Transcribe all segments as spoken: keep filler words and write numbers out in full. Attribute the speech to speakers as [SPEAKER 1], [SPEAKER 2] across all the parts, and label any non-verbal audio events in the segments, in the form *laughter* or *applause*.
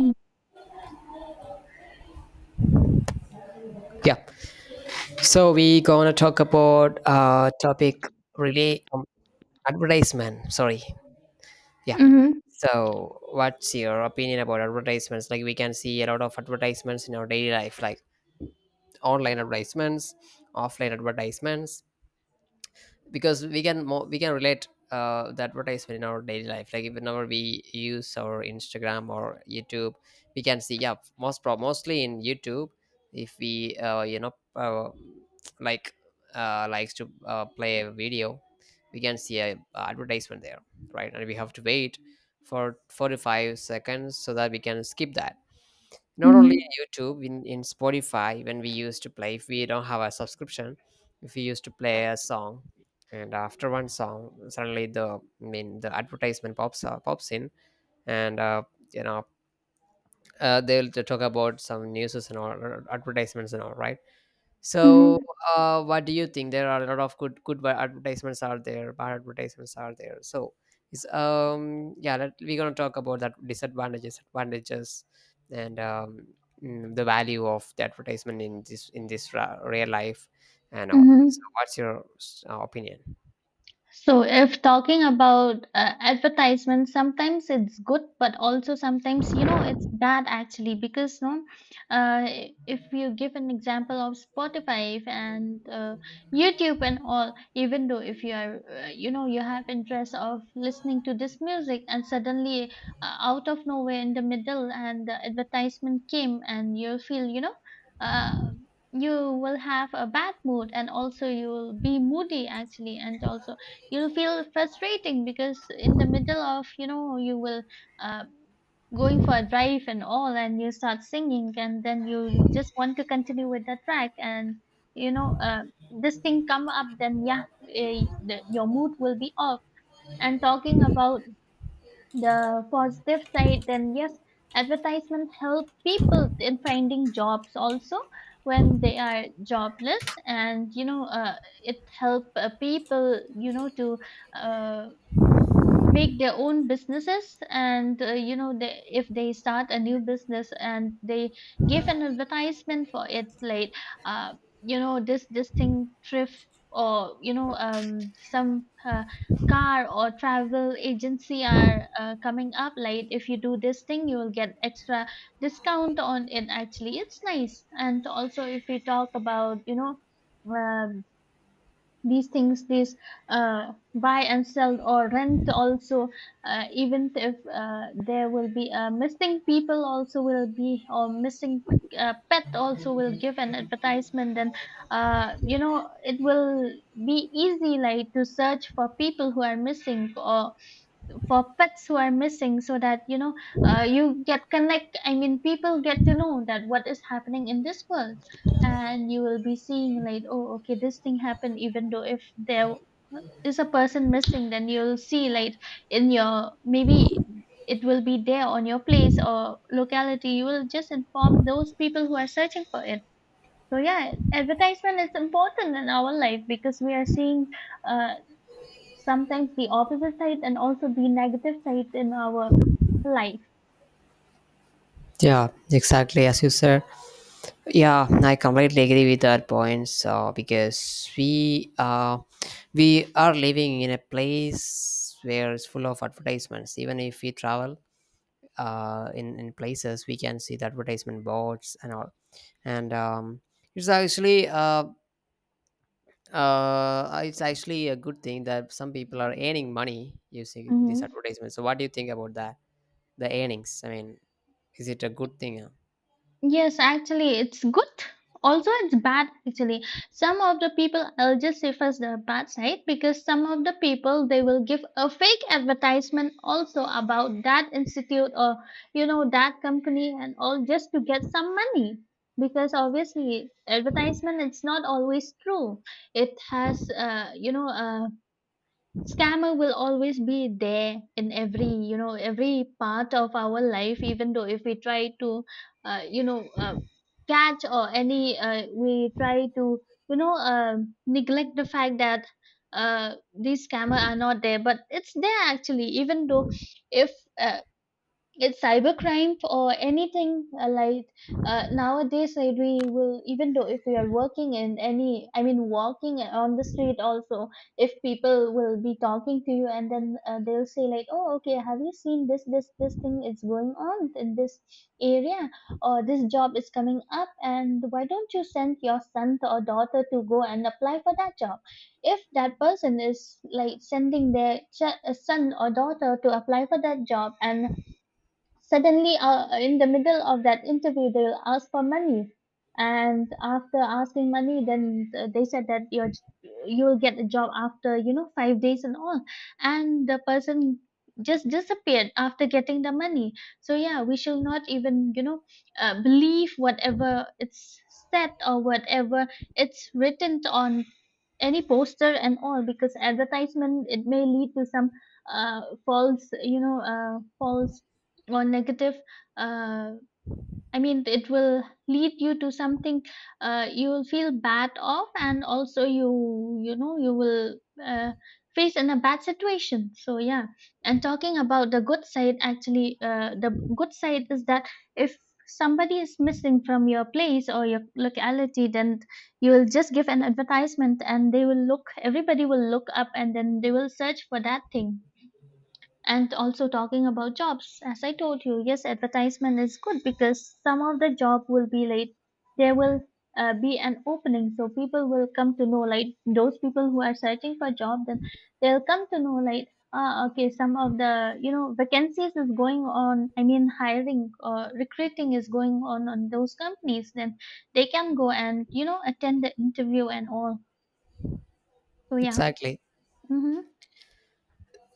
[SPEAKER 1] 嗯，
[SPEAKER 2] Yeah. So we gonna talk about uh topic really um, advertisement. Sorry. Yeah.
[SPEAKER 1] 嗯哼
[SPEAKER 2] So what's your opinion about advertisements? Like we can see a lot of advertisements in our daily life, like online advertisements, offline advertisements, because we can mo- we can relate uh, the advertisement in our daily life, like if whenever we use our instagram or youtube we can see, yeah, most pro- mostly in youtube. If we uh, you know uh, like uh, likes to uh, play a video, we can see a advertisement there, right, and we have to wait for forty-five seconds so that we can skip that. Not only
[SPEAKER 1] 嗯
[SPEAKER 2] in
[SPEAKER 1] 哼
[SPEAKER 2] youtube, in, in spotify, when we used to play, if we don't have a subscription, if we used to play a song and after one song suddenly the I mean the advertisement pops up, pops in. And uh, you know uh, they'll t- talk about some news and all, uh, advertisements and all, right?
[SPEAKER 1] 嗯
[SPEAKER 2] So,
[SPEAKER 1] 哼
[SPEAKER 2] uh, what do you think? There are a lot of good good wa- advertisements are there, bad advertisements are there. So, it's um yeah, let, we're gonna talk about that, disadvantages, advantages, and um mm, the value of the advertisement in this in this ra- real life and
[SPEAKER 1] 嗯
[SPEAKER 2] all. So,
[SPEAKER 1] 哼
[SPEAKER 2] what's your uh, opinion?
[SPEAKER 1] So, if talking about uh, advertisements, sometimes it's good, but also sometimes, you know, it's bad actually because, no, uh, if you give an example of Spotify and uh, YouTube and all, even though if you are, uh, you know, you have interest of listening to this music and suddenly uh, out of nowhere in the middle and the advertisement came and you'll feel, you know, uh, you will have a bad mood and also you will be moody actually and also you'll feel frustrating because in the middle of you know you will uh, going for a drive and all and you start singing and then you just want to continue with the track and you know uh, this thing come up then yeah eh, the, your mood will be off. And talking about the positive side, then yes, advertisement help people in finding jobs also when they are jobless, and you know, uh, it help uh, people, you know, to uh, make their own businesses and uh, you know they, if they start a new business and they give an advertisement for it like uh, you know this this thing thrift or you know um some uh, car or travel agency are uh, coming up like if you do this thing you will get extra discount on it. Actually it's nice. And also if we talk about you know um these things, this uh, buy and sell or rent also. Uh, even if uh, there will be uh, missing people also will be, or missing uh, pet also will give an advertisement. Then uh, you know it will be easy, like to search for people who are missing or for pets who are missing, so that you know uh, you get connect, I mean people get to know that what is happening in this world. And you will be seeing like, oh okay, this thing happened. Even though if there is a person missing, then you'll see like in your, maybe it will be there on your place or locality, you will just inform those people who are searching for it. So yeah, advertisement is important in our life because we are seeing uh, sometimes the opposite side and also the negative side in our life.
[SPEAKER 2] Yeah, exactly as you said. Yeah, I completely agree with that points, uh, because we uh, we are living in a place where it's full of advertisements. Even if we travel uh, in in places, we can see the advertisement boards and all. And um, it's actually uh, uh, it's actually a good thing that some people are earning money using these
[SPEAKER 1] Hmm.
[SPEAKER 2] advertisements. So, what do you think about that? The earnings. I mean, is it a good thing? uh?
[SPEAKER 1] Yes, actually, it's good. Also, it's bad. Actually, some of the people, I'll just say first the bad side because some of the people they will give a fake advertisement also about that institute or you know that company and all, just to get some money, because obviously advertisement it's not always true. It has uh, you know uh, scammer will always be there in every you know every part of our life, even though if we try to uh, you know uh, catch or any uh, we try to you know uh, neglect the fact that uh, these scammer are not there but it's there actually. Even though if uh, it's cybercrime or anything uh, like uh, nowadays like we will, even though if we are working in any, I mean walking uh, on the street also, if people will be talking to you and then uh, they'll say like oh okay, have you seen this this this thing is going on in this area, or this job is coming up and why don't you send your son or daughter to go and apply for that job? If that person is like sending their ch- uh, son or daughter to apply for that job, and suddenly uh, in the middle of that interview, they'll ask for money. And after asking money, then uh, they said that you're, you'll get a job after, you know, five days and all. And the person just disappeared after getting the money. So yeah, we shall not even, you know, uh, believe whatever it's said or whatever it's written on any poster and all, because advertisement it may lead to some uh, false you know uh, false or negative uh, I mean it will lead you to something uh, you will feel bad of. And also you you know you will uh, face in a bad situation, so yeah. And talking about the good side, actually uh, the good side is that if somebody is missing from your place or your locality, then you will just give an advertisement and they will look, everybody will look up and then they will search for that thing. And also talking about jobs, as I told you, yes, advertisement is good because some of the job will be like, there will uh, be an opening, so people will come to know, like those people who are searching for job, then they'll come to know like, ah okay, some of the you know vacancies is going on, I mean hiring or recruiting is going on on those companies, then they can go and you know attend the interview and all. So yeah.
[SPEAKER 2] Exactly.
[SPEAKER 1] Mm-hmm.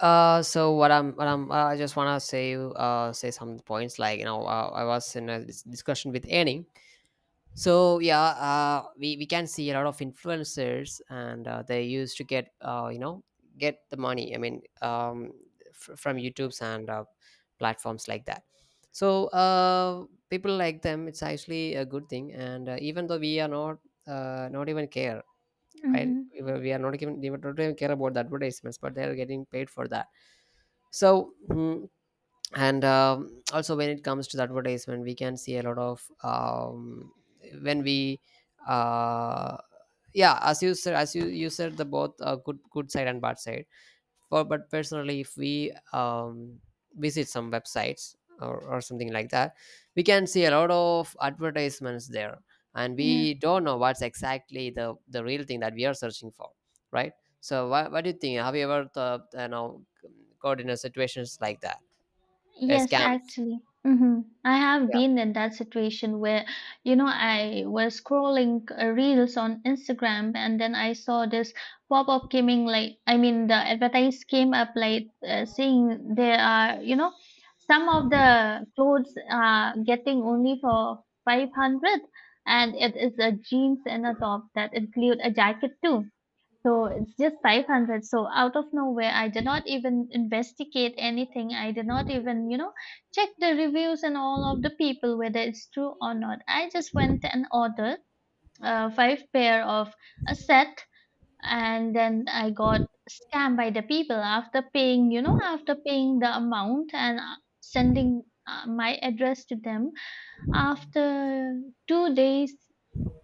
[SPEAKER 2] Uh, so what I'm, what I'm, uh, I just wanna say, uh, say some points, like you know, uh, I was in a dis- discussion with Annie. So yeah, uh, we we can see a lot of influencers, and uh, they used to get, uh, you know, get the money. I mean, um, f- from YouTube's and uh, platforms like that. So uh, people like them, it's actually a good thing. And uh, even though we are not, uh, not even care, right?
[SPEAKER 1] Mm-hmm.
[SPEAKER 2] We we are not even, they don't even care about the advertisements, but they are getting paid for that. So mm, and um, also when it comes to the advertisement, we can see a lot of um, when we uh, yeah, as you said, as you you said, the both uh, good good side and bad side for. But personally, if we um, visit some websites, or, or something like that, we can see a lot of advertisements there, and
[SPEAKER 1] Yeah.
[SPEAKER 2] we don't know what's exactly the the real thing that we are searching for, right? So what, what do you think? Have you ever thought, you know, got in a situations like that? uh,
[SPEAKER 1] Yes,
[SPEAKER 2] scams,
[SPEAKER 1] actually. Hmm. I have
[SPEAKER 2] yeah.
[SPEAKER 1] been in that situation where, you know, I was scrolling uh, reels on Instagram and then I saw this pop-up coming, like, I mean, the advertise came up like uh, saying there are, you know, some of the clothes are getting only for five hundred, and it is a jeans and a top that include a jacket too, so it's just five hundred. So out of nowhere, I did not even investigate anything. I did not even, you know, check the reviews and all of the people whether it's true or not. I just went and ordered uh, five pair of a set, and then I got scammed by the people after paying, you know, after paying the amount and uh, sending uh, my address to them. After two days,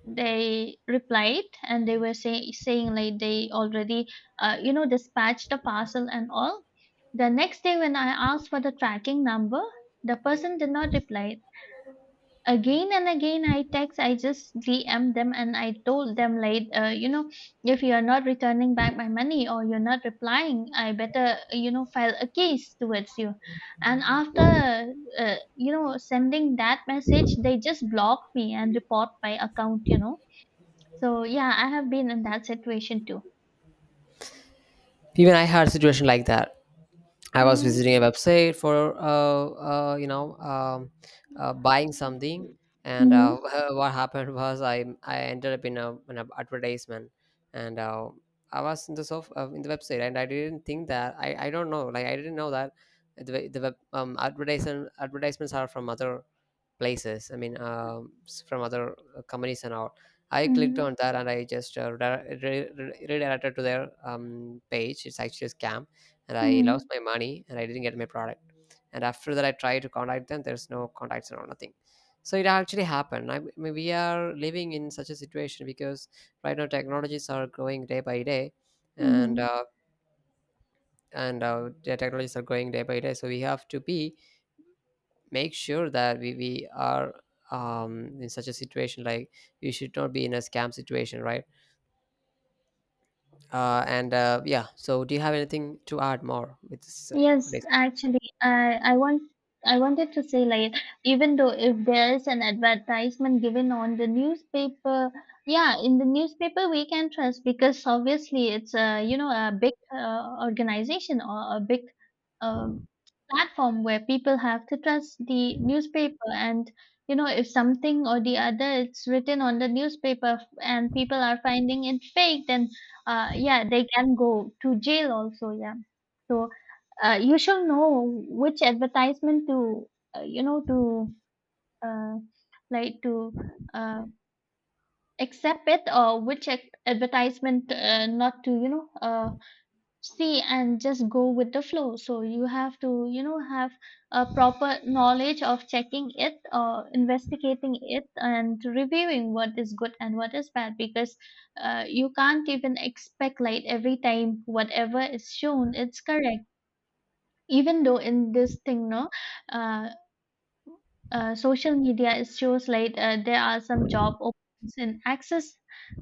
[SPEAKER 1] they replied and they were say, saying like they already uh, you know dispatched the parcel and all. The next day when I asked for the tracking number, the person did not reply. Again and again I text, I just D M them and I told them like uh, you know if you are not returning back my money or you're not replying, I better you know file a case towards you. And after uh, you know sending that message, they just blocked me and report my account, you know. So yeah, I have been in that situation too.
[SPEAKER 2] Even I had a situation like that. I was
[SPEAKER 1] Mm-hmm.
[SPEAKER 2] visiting a website for uh, uh, you know um, uh, buying something, and uh,
[SPEAKER 1] Mm-hmm.
[SPEAKER 2] *laughs* what happened was I I ended up in a in an advertisement, and uh, I was in the sof- uh, in the website, and I didn't think that I, I don't know, like I didn't know that the the web um, advertisement advertisements are from other places. I mean, um, s- from other uh, companies and all. I clicked on that and I just uh, redire- re- re- redirected to their um, page. It's actually a scam, and I
[SPEAKER 1] Mm-hmm.
[SPEAKER 2] lost my money and I didn't get my product. And after that, I tried to contact them, there's no contacts and all, nothing. So it actually happened. I, I mean, we are living in such a situation because right now technologies are growing day by day, and
[SPEAKER 1] Mm-hmm.
[SPEAKER 2] uh, and uh, the technologies are growing day by day, so we have to be, make sure that we, we are um, in such a situation like we should not be in a scam situation, right? uh, and uh, yeah, so do you have anything to add more with this uh,
[SPEAKER 1] Yes,
[SPEAKER 2] advertisement?
[SPEAKER 1] actually, I I want, I wanted to say like, even though if there is an advertisement given on the newspaper, yeah, in the newspaper we can trust because obviously it's a you know a big uh, organization or a big um, platform where people have to trust the newspaper. And you know if something or the other it's written on the newspaper f- and people are finding it fake, then uh, yeah, they can go to jail also, yeah. So uh, you shall know which advertisement to uh, you know to uh, like to uh, accept it, or which ad- advertisement uh, not to you know uh, see, and just go with the flow. So you have to you know have a proper knowledge of checking it or investigating it and reviewing what is good and what is bad, because uh, you can't even expect like every time whatever is shown it's correct. Even though in this thing, no, uh, uh, social media is shows like uh, there are some job openings in access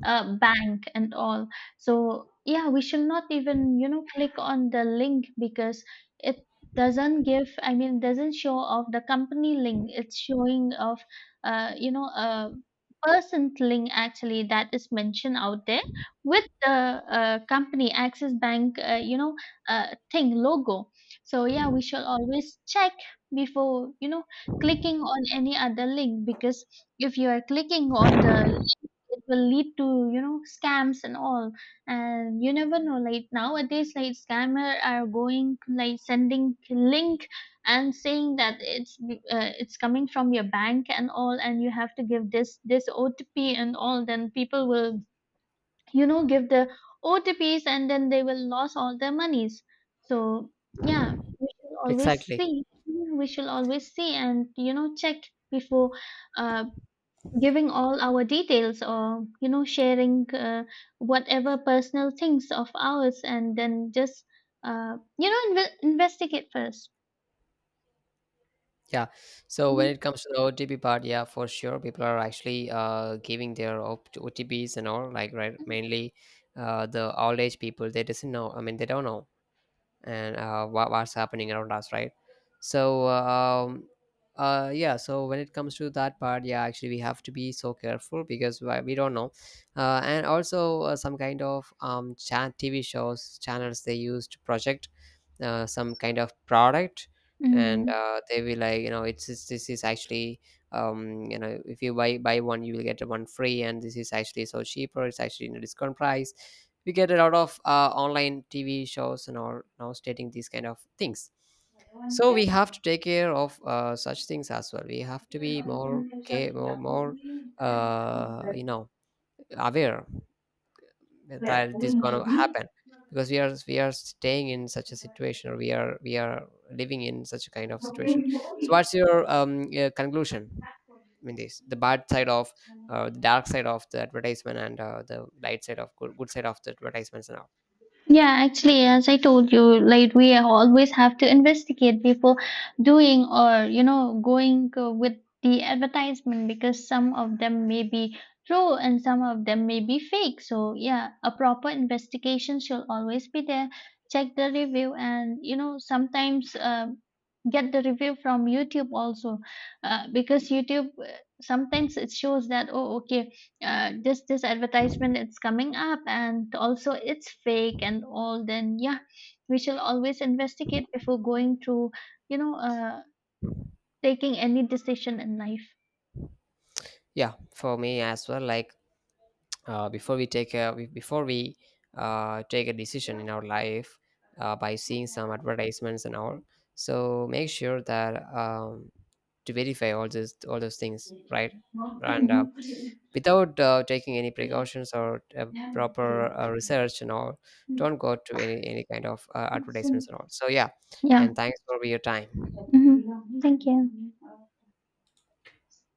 [SPEAKER 1] uh, bank and all. So yeah, we should not even you know click on the link because it doesn't give, I mean doesn't show of the company link, it's showing of uh, you know a person link actually that is mentioned out there with the uh, company access bank uh, you know uh, thing logo. So yeah, we should always check before you know clicking on any other link, because if you are clicking on the link, it will lead to you know scams and all. And you never know, like nowadays like scammer are going like sending link and saying that it's be- uh, it's coming from your bank and all, and you have to give this this O T P and all, then people will you know give the O T Ps, and then they will lose all their monies. So yeah, we should always
[SPEAKER 2] Exactly.
[SPEAKER 1] see. Mm. We should always see and you know check before uh, giving all our details or you know sharing uh, whatever personal things of ours, and then just uh, you know inve- investigate first.
[SPEAKER 2] Yeah, so
[SPEAKER 1] Mm-hmm.
[SPEAKER 2] when it comes to the otp part, yeah, for sure, people are actually uh, giving their op- otps and all, like, right, mainly uh, the old age people, they doesn't know, I mean, they don't know, and uh, wha- what's happening around us, right? So um, uh, yeah, so when it comes to that part, yeah, actually we have to be so careful because why- we don't know. uh, and also uh, some kind of um, chat tv shows channels, they used to project uh, some kind of product, and
[SPEAKER 1] Mm-hmm.
[SPEAKER 2] uh, they will, like, you know, it's, it's, this is actually um, you know, if you buy buy one you will get one free, and this is actually so cheaper, it's actually in a discount price. We get a lot of uh, online tv shows and all now stating these kind of things. So we have to take care of uh, such things as well. We have to be more care more, more uh, you know aware that this gonna happen, because we are we are staying in such a situation, or we are we are living in such a kind of situation. So what's your um uh, conclusion in this, the bad side of uh, the dark side of the advertisement, and uh, the light side of, good, good side of the advertisements now?
[SPEAKER 1] Yeah, actually, as I told you, like we always have to investigate before doing or you know going uh, with the advertisement, because some of them may be true and some of them may be fake. So yeah, a proper investigation should always be there. Check the review and you know sometimes uh, get the review from YouTube also uh, because YouTube uh, sometimes it shows that oh okay uh, this this advertisement it's coming up and also it's fake and all. Then yeah, we shall always investigate before going to you know uh, taking any decision in life.
[SPEAKER 2] Yeah, for me as well, like uh, before we take a we- before we uh, take a decision in our life uh, by seeing some advertisements and all, so make sure that, um, to verify all those all those things, right? And
[SPEAKER 1] Mhm.
[SPEAKER 2] uh, without uh, taking any precautions or uh, proper uh, research and all, don't go to any any kind of uh, advertisements and all. So yeah,
[SPEAKER 1] Yeah.
[SPEAKER 2] and thanks for your time.
[SPEAKER 1] Mhm. Thank you.